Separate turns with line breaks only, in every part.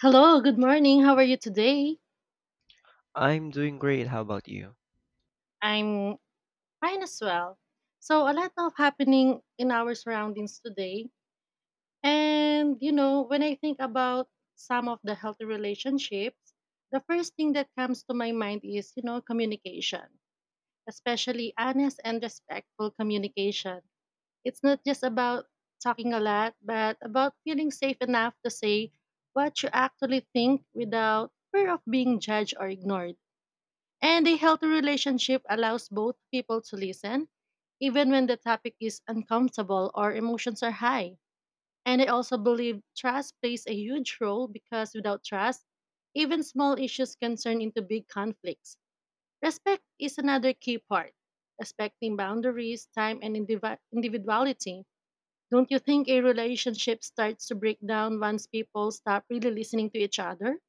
Hello, good morning. How are you today?
I'm doing great. How about you?
I'm fine as well. So, a lot of happening in our surroundings today. And when I think about some of the healthy relationships, the first thing that comes to my mind is communication, especially honest and respectful communication. It's not just about talking a lot, but about feeling safe enough to say what you actually think without fear of being judged or ignored. And a healthy relationship allows both people to listen, even when the topic is uncomfortable or emotions are high. And I also believe trust plays a huge role because without trust, even small issues can turn into big conflicts. Respect is another key part, respecting boundaries, time, and individuality. Don't you think a relationship starts to break down once people stop really listening to each other?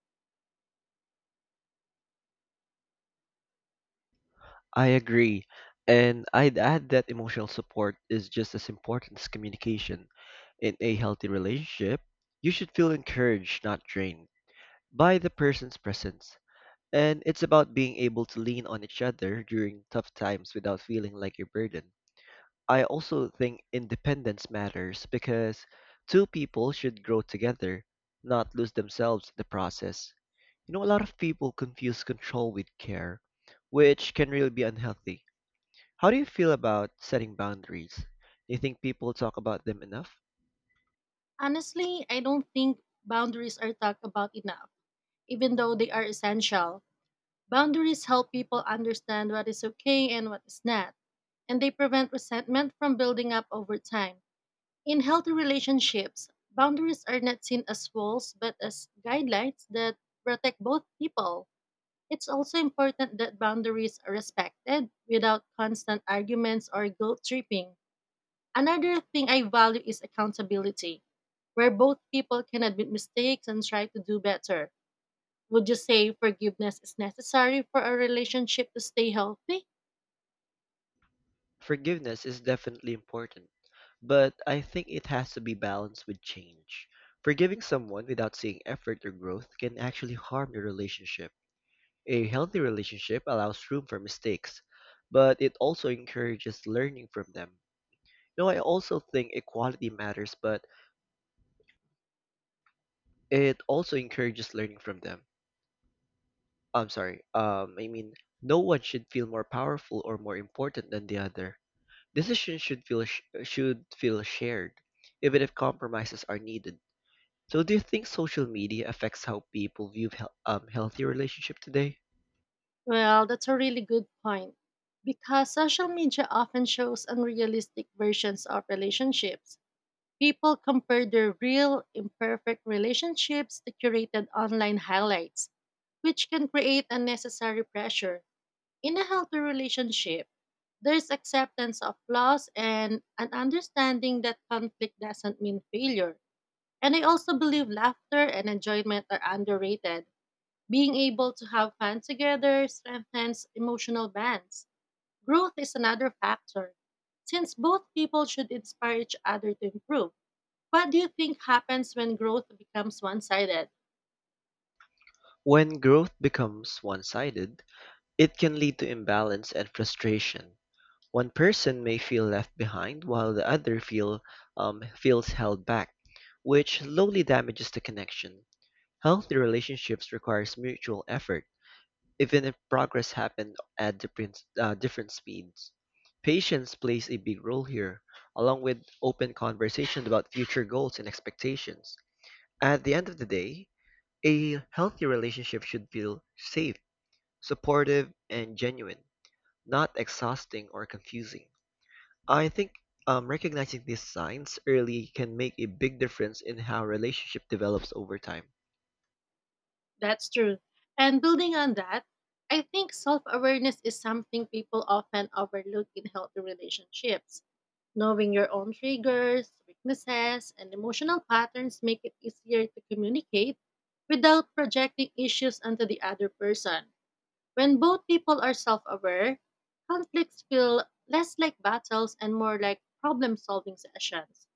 I agree. And I'd add that emotional support is just as important as communication. In a healthy relationship, you should feel encouraged, not drained, by the person's presence. And it's about being able to lean on each other during tough times without feeling like a burden. I also think independence matters because two people should grow together, not lose themselves in the process. You know, a lot of people confuse control with care, which can really be unhealthy. How do you feel about setting boundaries? Do you think people talk about them enough?
Honestly, I don't think boundaries are talked about enough even though they are essential. Boundaries help people understand what is okay and what is not, and they prevent resentment from building up over time. In healthy relationships, boundaries are not seen as walls but as guidelines that protect both people. It's also important that boundaries are respected without constant arguments or guilt tripping. Another thing I value is accountability, where both people can admit mistakes and try to do better. Would you say forgiveness is necessary for a relationship to stay healthy?
Forgiveness is definitely important, but I think it has to be balanced with change. Forgiving someone without seeing effort or growth can actually harm your relationship. A healthy relationship allows room for mistakes, but it also encourages learning from them. No, I also think equality matters, but it also encourages learning from them. I'm sorry. I mean, no one should feel more powerful or more important than the other. Decisions should feel shared, even if compromises are needed. So, do you think social media affects how people view healthy relationship today?
Well, that's a really good point. Because social media often shows unrealistic versions of relationships. People compare their real, imperfect relationships to curated online highlights, which can create unnecessary pressure. In a healthy relationship, there's acceptance of flaws and an understanding that conflict doesn't mean failure. And I also believe laughter and enjoyment are underrated. Being able to have fun together strengthens emotional bonds. Growth is another factor, since both people should inspire each other to improve. What do you think happens when growth becomes one sided?
When growth becomes one-sided, it can lead to imbalance and frustration. One person may feel left behind while the other feel feels held back, which slowly damages the connection. Healthy relationships requires mutual effort, even if progress happens at different speeds. Patience plays a big role here, along with open conversations about future goals and expectations. At the end of the day, a healthy relationship should feel safe, supportive, and genuine, not exhausting or confusing. I think recognizing these signs early can make a big difference in how relationship develops over time.
That's true. And building on that, I think self awareness is something people often overlook in healthy relationships. Knowing your own triggers, weaknesses, and emotional patterns make it easier to communicate without projecting issues onto the other person. When both people are self aware, conflicts feel less like battles and more like problem solving sessions.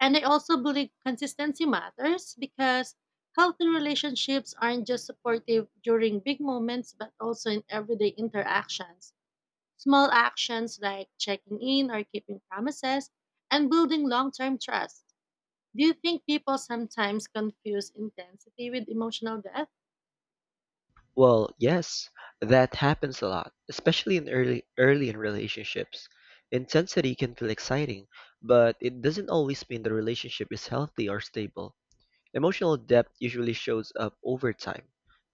And I also believe consistency matters because healthy relationships aren't just supportive during big moments, but also in everyday interactions. Small actions like checking in or keeping promises and building long term trust. Do you think people sometimes confuse intensity with emotional depth?
Well, yes, that happens a lot, especially in early in relationships. Intensity can feel exciting, but it doesn't always mean the relationship is healthy or stable. Emotional depth usually shows up over time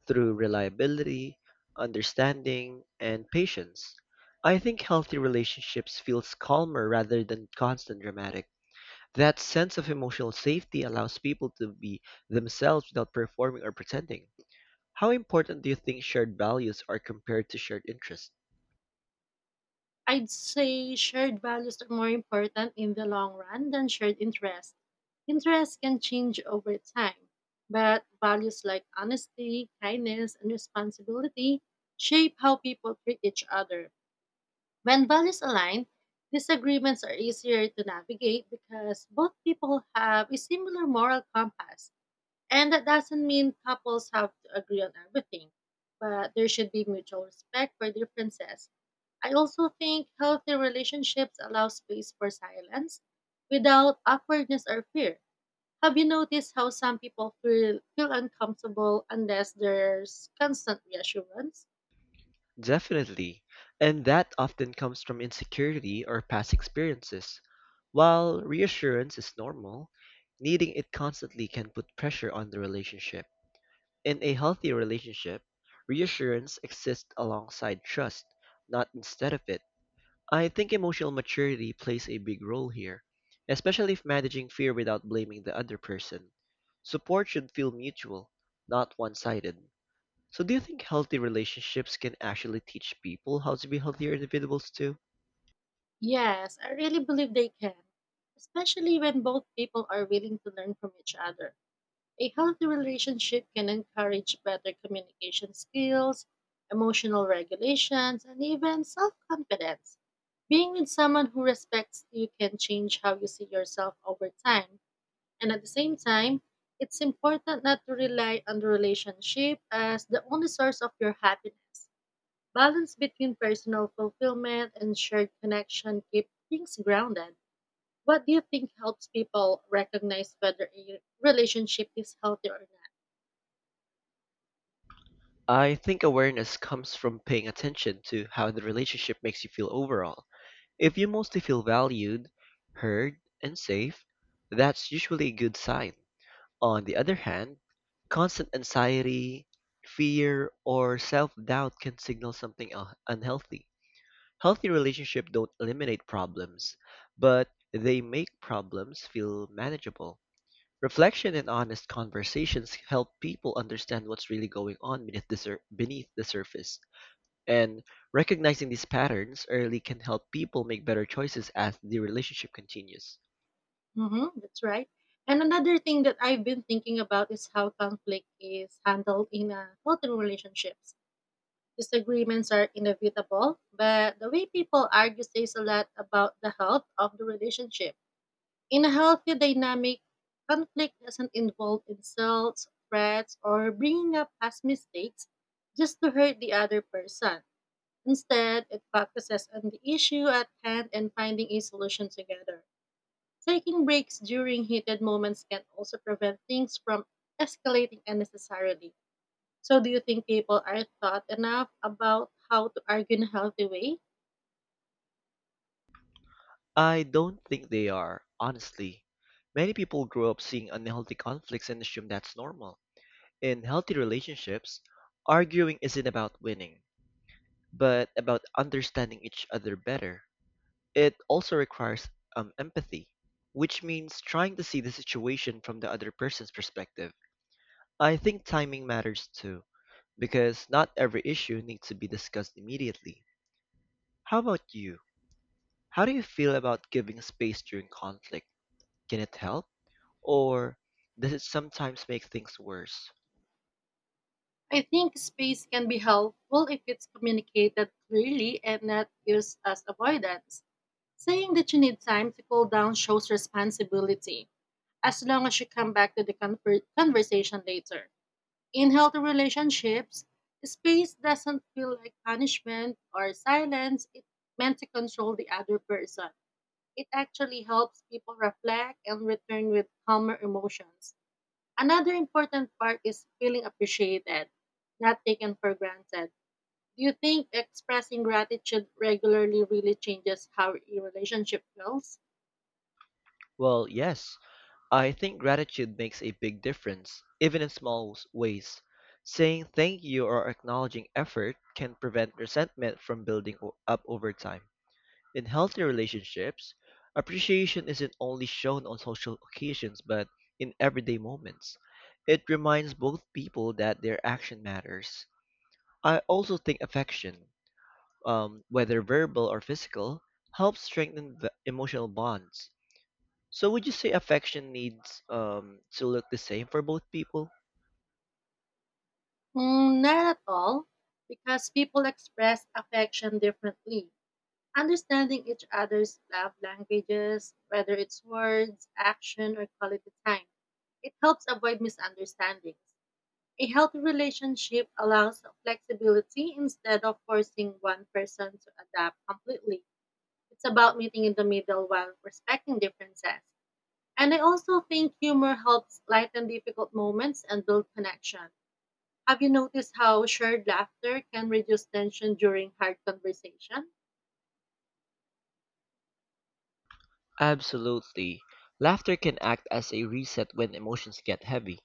through reliability, understanding, and patience. I think healthy relationships feels calmer rather than constant dramatic. That sense of emotional safety allows people to be themselves without performing or pretending. How important do you think shared values are compared to shared interests?
I'd say shared values are more important in the long run than shared interests. Interests can change over time, but values like honesty, kindness, and responsibility shape how people treat each other. When values align, disagreements are easier to navigate because both people have a similar moral compass. And that doesn't mean couples have to agree on everything, but there should be mutual respect for differences. I also think healthy relationships allow space for silence without awkwardness or fear. Have you noticed how some people feel uncomfortable unless there's constant reassurance?
Definitely, and that often comes from insecurity or past experiences. While reassurance is normal, needing it constantly can put pressure on the relationship. In a healthy relationship, reassurance exists alongside trust, not instead of it. I think emotional maturity plays a big role here, especially if managing fear without blaming the other person. Support should feel mutual, not one sided. So, do you think healthy relationships can actually teach people how to be healthier individuals too?
Yes, I really believe they can, especially when both people are willing to learn from each other. A healthy relationship can encourage better communication skills, emotional regulations, and even self confidence. Being with someone who respects you can change how you see yourself over time. And at the same time, it's important not to rely on the relationship as the only source of your happiness. Balance between personal fulfillment and shared connection keep things grounded. What do you think helps people recognize whether a relationship is healthy or not?
I think awareness comes from paying attention to how the relationship makes you feel overall. If you mostly feel valued, heard, and safe, that's usually a good sign. On the other hand, constant anxiety, fear, or self doubt can signal unhealthy. Healthy relationships don't eliminate problems, but they make problems feel manageable. Reflection and honest conversations help people understand what's really going on beneath the surface. And recognizing these patterns early can help people make better choices as the relationship continues.
Mm-hmm, that's right. And another thing that I've been thinking about is how conflict is handled in healthy relationships. Disagreements are inevitable, but the way people argue says a lot about the health of the relationship. In a healthy dynamic, conflict doesn't involve insults, threats, or bringing up past mistakes just to hurt the other person. Instead, it focuses on the issue at hand and finding a solution together. Taking breaks during heated moments can also prevent things from escalating unnecessarily. So, do you think people are taught enough about how to argue in a healthy way?
I don't think they are, honestly. Many people grow up seeing unhealthy conflicts and assume that's normal. In healthy relationships, arguing isn't about winning, but about understanding each other better. It also requires empathy, which means trying to see the situation from the other person's perspective. I think timing matters too, because not every issue needs to be discussed immediately. How about you? How do you feel about giving space during conflict? Can it help? Or does it sometimes make things worse?
I think space can be helpful if it's communicated clearly and not used as avoidance. Saying that you need time to cool down shows responsibility, as long as you come back to the conversation later. In healthy relationships, space doesn't feel like punishment or silence. It's meant to control the other person. It actually helps people reflect and return with calmer emotions. Another important part is feeling appreciated, not taken for granted. Do you think expressing gratitude regularly really changes how your relationship feels?
Well, yes, I think gratitude makes a big difference, even in small ways. Saying thank you or acknowledging effort can prevent resentment from building up over time. In healthy relationships, appreciation isn't only shown on social occasions but in everyday moments. It reminds both people that their action matters. I also think affection, whether verbal or physical, helps strengthen the emotional bonds. So would you say affection needs to look the same for both people?
Mm, not at all, because people express affection differently. Understanding each other's love languages, whether it's words, action, or quality time, it helps avoid misunderstandings. A healthy relationship allows flexibility instead of forcing one person to adapt completely. It's about meeting in the middle while respecting differences. And I also think humor helps lighten difficult moments and build connection. Have you noticed how shared laughter can reduce tension during hard conversation?
Absolutely. Laughter can act as a reset when emotions get heavy.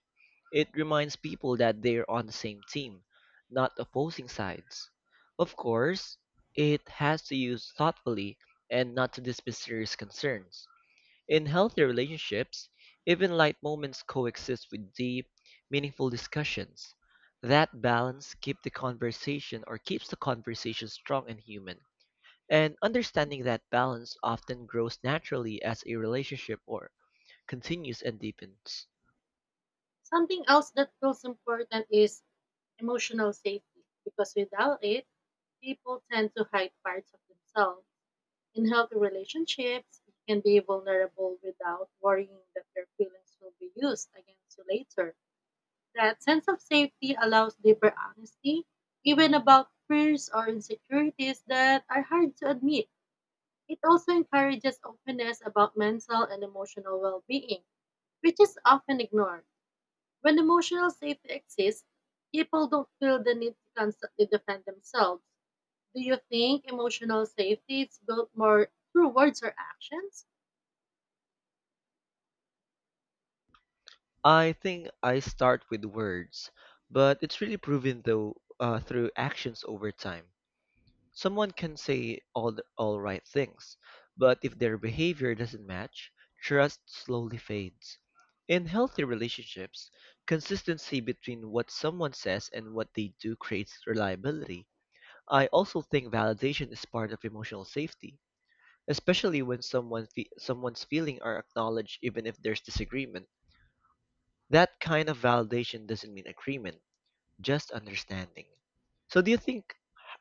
It reminds people that they're on the same team, not opposing sides. Of course, it has to use thoughtfully and not to dismiss serious concerns. In healthy relationships, even light moments coexist with deep, meaningful discussions. That balance keep the conversation or keeps the conversation strong and human. And understanding that balance often grows naturally as a relationship or continues and deepens.
Something else that feels important is emotional safety because without it, people tend to hide parts of themselves. In healthy relationships, you can be vulnerable without worrying that your feelings will be used against you later. That sense of safety allows deeper honesty, even about fears or insecurities that are hard to admit. It also encourages openness about mental and emotional well being, which is often ignored. When emotional safety exists, people don't feel the need to constantly defend themselves. Do you think emotional safety is built more through words or actions?
I think I start with words, but it's really proven though through actions over time. Someone can say all right things, but if their behavior doesn't match, trust slowly fades. In healthy relationships, consistency between what someone says and what they do creates reliability. I also think validation is part of emotional safety, especially when someone's feelings are acknowledged even if there's disagreement. That kind of validation doesn't mean agreement just understanding. So do you think,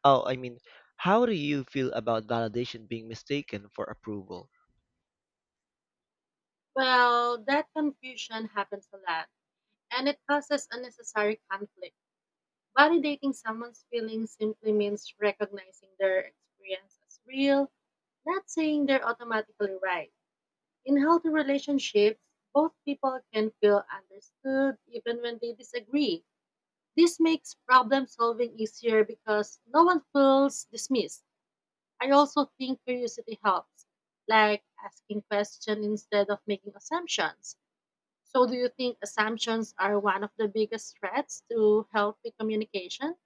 oh, I mean, how do you feel about validation being mistaken for approval?
Well, that confusion happens a lot, and it causes unnecessary conflict. Validating someone's feelings simply means recognizing their experience as real, not saying they're automatically right. In healthy relationships, both people can feel understood even when they disagree. This makes problem solving easier because no one feels dismissed. I also think curiosity helps, like asking questions instead of making assumptions. So, do you think assumptions are one of the biggest threats to healthy communication?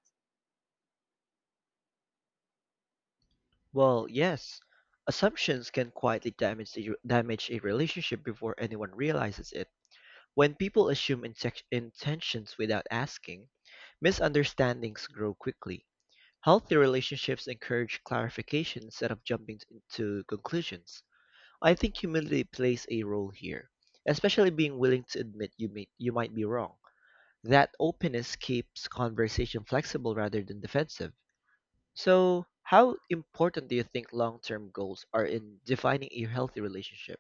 Well, yes, assumptions can damage a relationship before anyone realizes it. When people intentions without asking, misunderstandings grow quickly. Healthy relationships encourage clarification instead of jumping to conclusions. I think humility plays a role here, especially being willing to you might be wrong. That openness keeps conversation flexible rather than defensive. So, how important do you think long term goals are in defining a healthy relationship?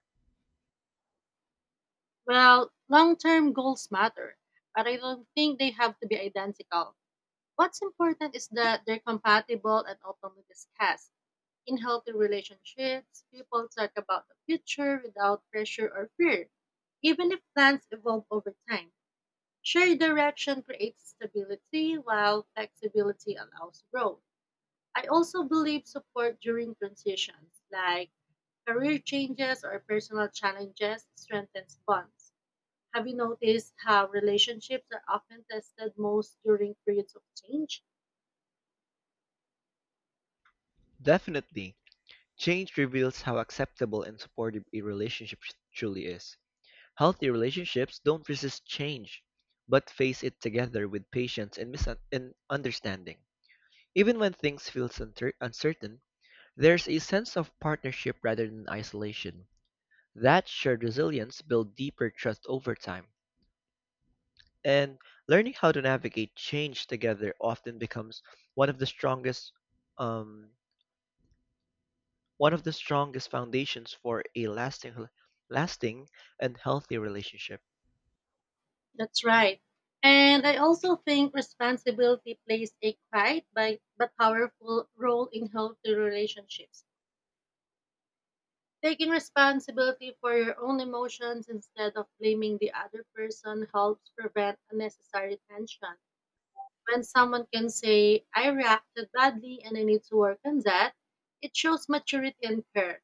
Well, long term goals matter, but I don't think they have to be identical. What's important is that they're compatible and openly discussed. In healthy relationships, people talk about the future without pressure or fear. Even if plans evolve over time, shared direction creates stability while flexibility allows growth. I also believe support during transitions, like career changes or personal challenges, strengthens bonds. Have you noticed how relationships are often tested most during periods of change?
Definitely. Change reveals how acceptable and supportive a relationship truly is. Healthy relationships don't resist change, but face it together with patience and understanding. Even when things feel uncertain, there's a sense of partnership rather than isolation. That shared resilience builds deeper trust over time. And learning how to navigate change together often becomes one of the strongest um, one of the strongest foundations for a lasting and healthy relationship.
That's right. And I also think responsibility plays a quiet but powerful role in healthy relationships. Taking responsibility for your own emotions instead of blaming the other person helps prevent unnecessary tension. When someone can say, I reacted badly and I need to work on that, it shows maturity and care.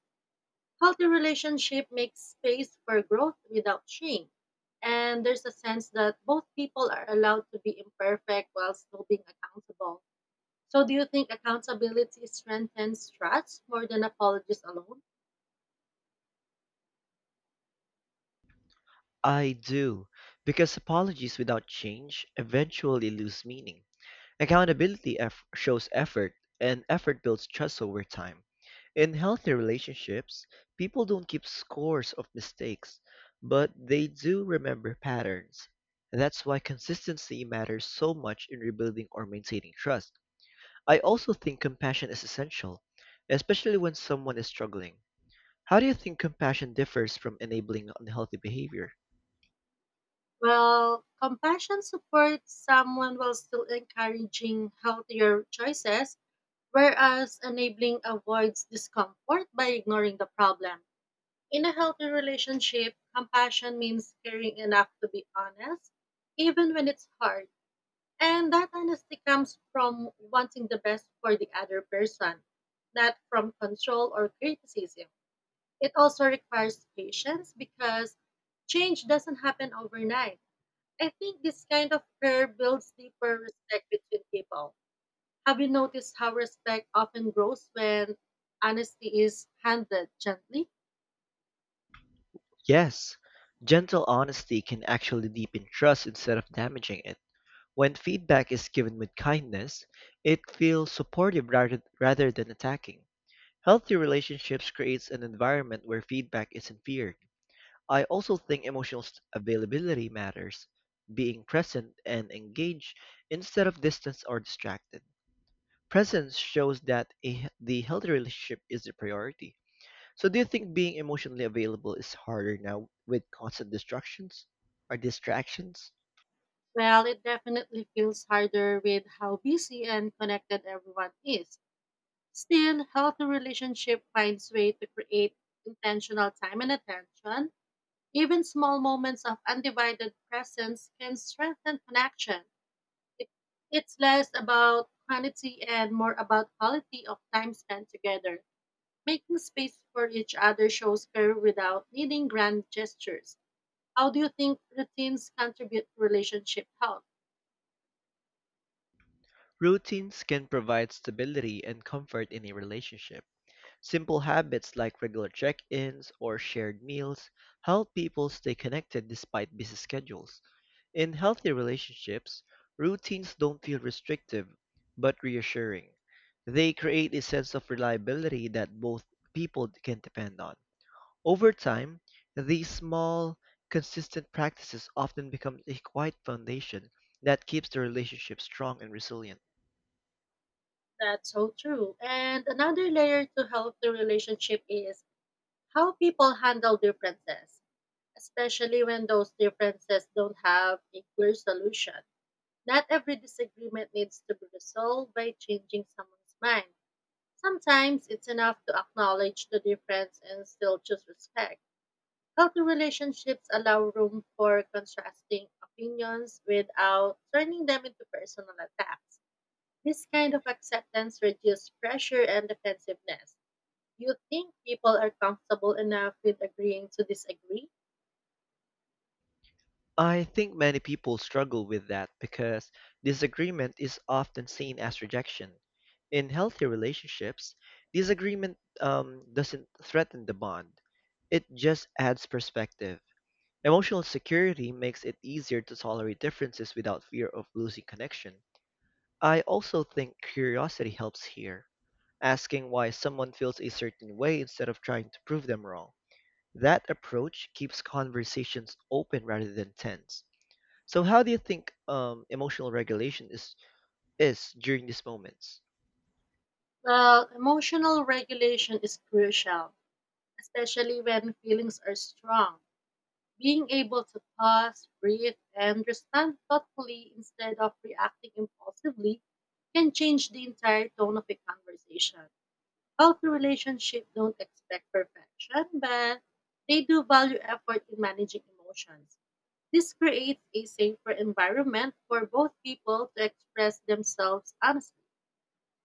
Healthy relationship makes space for growth without shame. And there's a sense that both people are allowed to be imperfect while still being accountable. So, do you think accountability strengthens trust more than apologies alone?
I do, because apologies without change eventually lose meaning. Accountability eff shows effort, and effort builds trust over time. In healthy relationships, people don't keep scores of mistakes, but they do remember patterns. That's why consistency matters so much in rebuilding or maintaining trust. I also think compassion is essential, especially when someone is struggling. How do you think compassion differs from enabling unhealthy behavior?
Well, compassion supports someone while still encouraging healthier choices, whereas enabling avoids discomfort by ignoring the problem. In a healthy relationship, compassion means caring enough to be honest, even when it's hard. And that honesty comes from wanting the best for the other person, not from control or criticism. It also requires patience because change doesn't happen overnight. I think this kind of care builds deeper respect between people. Have you noticed how respect often grows when honesty is handled gently?
Yes, gentle honesty can actually deepen trust instead of damaging it. When feedback is given with kindness, it feels supportive rather than attacking. Healthy relationships creates an environment where feedback isn't feared. I also think availability matters, being present and engaged instead of distant or distracted. Presence shows that the healthy relationship is the priority. So do you think being emotionally available is harder now with constant distractions?
Well, it definitely feels harder with how busy and connected everyone is. Still, healthy relationship finds way to create intentional time and attention. Even small moments of undivided presence can strengthen connection. It, it's less about quantity and more about quality of time spent together. Making space for each other shows care without needing grand gestures. How do you think routines contribute to relationship health?
Routines can provide stability and comfort in a relationship. Simple habits like regular check-ins or shared meals help people stay connected despite busy schedules. In healthy relationships, routines don't feel restrictive but reassuring. They create a sense of reliability that both people can depend on. Over time, these small, consistent practices often become a quiet foundation that keeps the relationship strong and resilient.
That's so true. And another layer to healthy relationship is how people handle differences, especially when those differences don't have a clear solution. Not every disagreement needs to be resolved by changing someone's mind. Sometimes it's enough to acknowledge the difference and still choose respect. Healthy relationships allow room for contrasting opinions without turning them into personal attacks. This kind of acceptance reduces pressure and defensiveness. Do you think people are comfortable enough with agreeing to disagree?
I think many people struggle with that because disagreement is often seen as rejection. In healthy relationships, disagreement doesn't threaten the bond, it just adds perspective. Emotional security makes it easier to tolerate differences without fear of losing connection. I also think curiosity helps here, asking why someone feels a certain way instead of trying to prove them wrong. That approach keeps conversations open rather than tense. So, how do you think emotional regulation is during these moments.
Well, emotional regulation is crucial, especially when feelings are strong. Being able to pause, breathe, and respond thoughtfully instead of reacting impulsively can change the entire tone of a conversation. Healthy relationships don't expect perfection, but they do value effort in managing emotions. This creates a safer environment for both people to express themselves honestly.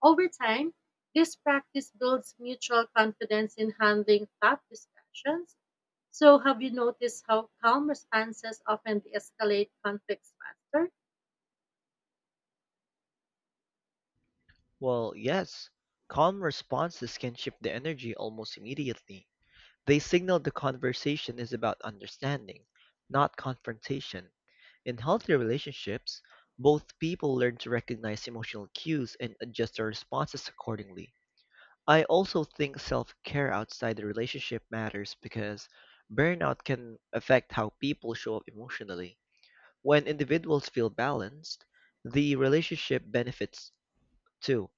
Over time, this practice builds mutual confidence in handling tough discussions. So, have you noticed how calm responses often de escalate conflicts faster?
Well, yes, calm responses can shift the energy almost immediately. They signal the conversation is about understanding, not confrontation. In healthy relationships, both people learn to recognize emotional cues and adjust their responses accordingly. I also think self-care outside the relationship matters because burnout can affect how people show up emotionally. When individuals feel balanced, the relationship benefits too.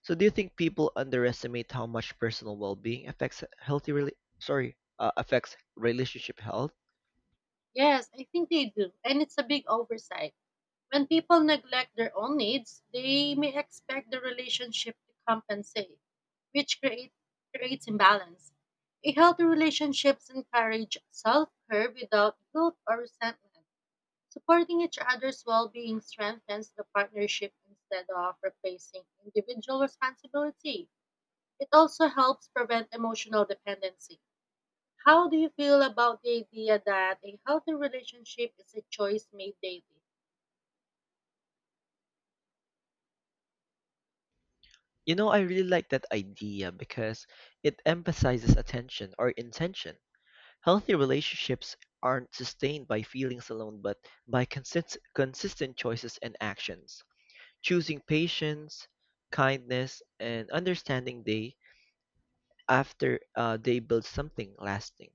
So do you think people underestimate how much personal well-being affects affects relationship health?
Yes, I think they do. And it's a big oversight. When people neglect their own needs, they may expect the relationship to compensate, which creates imbalance. A healthy relationships encourage self-care without guilt or resentment. Supporting each other's well-being strengthens the partnership instead of replacing individual responsibility. It also helps prevent emotional dependency. How do you feel about the idea that a healthy relationship is a choice made daily?
You know, I really like that idea because it emphasizes attention or intention. Healthy relationships aren't sustained by feelings alone, but by consistent choices and actions. Choosing patience, kindness, and understanding day builds something lasting.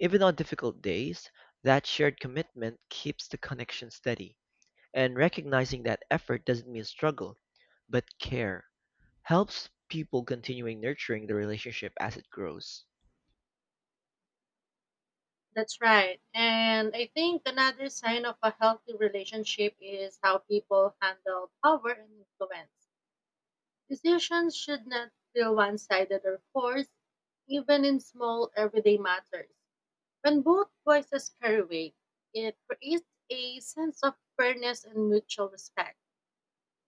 Even on difficult days, that shared commitment keeps the connection steady. And recognizing that effort doesn't mean struggle, but care helps people continuing nurturing the relationship as it grows.
That's right. And I think another sign of a healthy relationship is how people handle power and influence. Decisions should not feel one sided or forced, even in small everyday matters. When both voices carry weight, it creates a sense of fairness and mutual respect.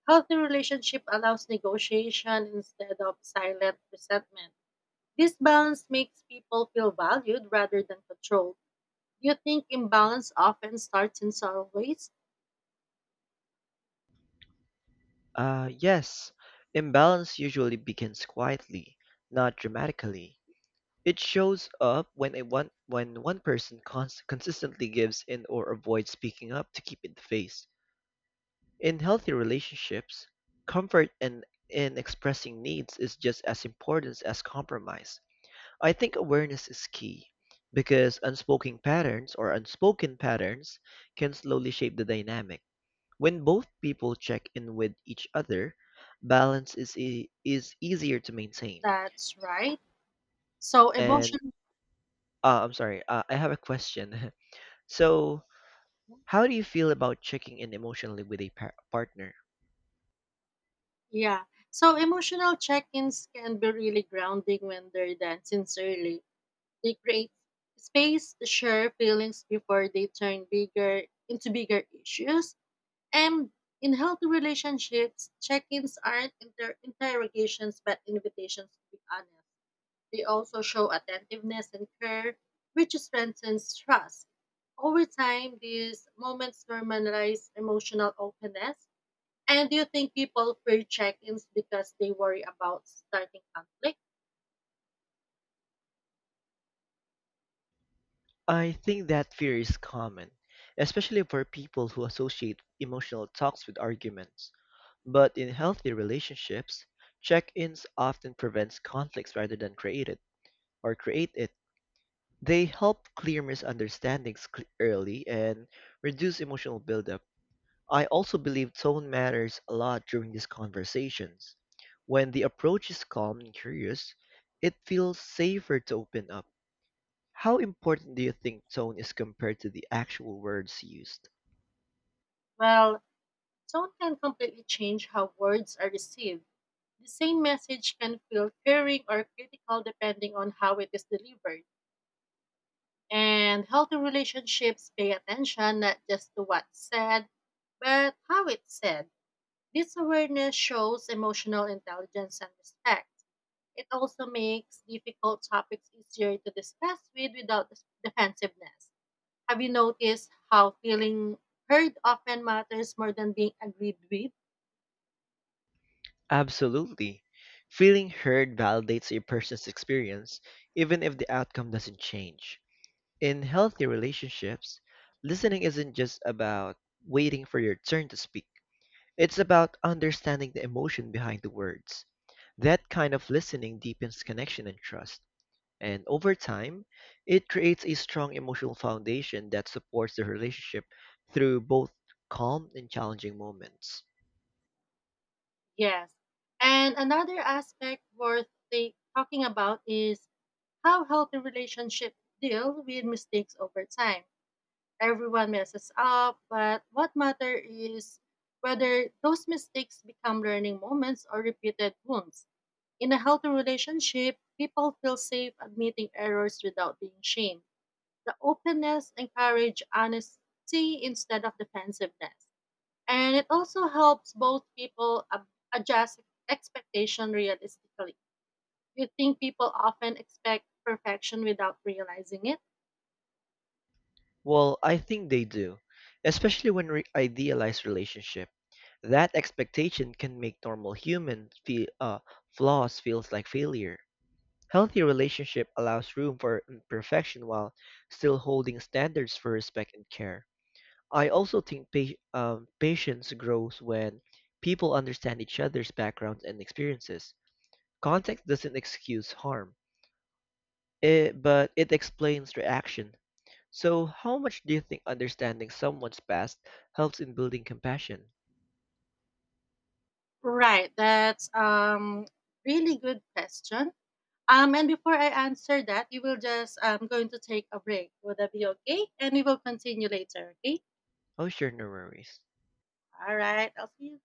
Healthy relationship allows negotiation instead of silent resentment. This balance makes people feel valued rather than controlled. You think imbalance often starts in subtle ways.
Yes, imbalance usually begins quietly, not dramatically. It shows up when a one when one person consistently gives in or avoids speaking up to keep it the face. In healthy relationships, comfort and in expressing needs is just as important as compromise. I think awareness is key because unspoken patterns can slowly shape the dynamic. When both people check in with each other, balance is easier to maintain.
That's right. So
And
emotion,
I'm sorry, I have a question. So, how do you feel about checking in emotionally with a partner?
yeah. So emotional check-ins can be really grounding when they're done sincerely. They create space to share feelings before they turn bigger into bigger issues. And in healthy relationships, check-ins aren't interrogations but invitations to be honest. They also show attentiveness and care, which strengthens trust. Over time, these moments normalize emotional openness. And do you think people fear check ins because they worry about starting conflict?
I think that fear is common, especially for people who associate emotional talks with arguments. But in healthy relationships, check-ins often prevents conflicts rather than create it. They help clear misunderstandings early and reduce emotional buildup. I also believe tone matters a lot during these conversations. When the approach is calm and curious, it feels safer to open up. How important do you think tone is compared to the actual words used?
Well, tone can completely change how words are received. The same message can feel caring or critical depending on how it is delivered. And healthy relationships pay attention not just to what's said, but how it's said. This awareness shows emotional intelligence and respect. It also makes difficult topics easier to discuss without defensiveness. Have you noticed how feeling heard often matters more than being agreed with?
Absolutely. Feeling heard validates a person's experience, even if the outcome doesn't change. In healthy relationships, listening isn't just about waiting for your turn to speak, it's about understanding the emotion behind the words. That kind of listening deepens connection and trust. And over time, it creates a strong emotional foundation that supports the relationship through both calm and challenging moments.
Yes. And another aspect worth talking about is how healthy relationships deal with mistakes over time. Everyone messes up, but what matters is whether those mistakes become learning moments or repeated wounds. In a healthy relationship, people feel safe admitting errors without being shamed. The openness encourages honesty instead of defensiveness. And it also helps both people adjust expectation realistically. You think people often expect perfection without realizing it?
Well, I think they do, especially when idealized relationship. That expectation can make flaws feels like failure. Healthy relationship allows room for imperfection while still holding standards for respect and care. I also think patience grows when people understand each other's backgrounds and experiences. Context doesn't excuse harm, but it explains reaction. So, how much do you think understanding someone's past helps in building compassion?
Right. That's really good question. And before I answer that, we will just I'm going to take a break. Would that be okay? And we will continue later. Okay.
How's your memories?
All right. I'll see you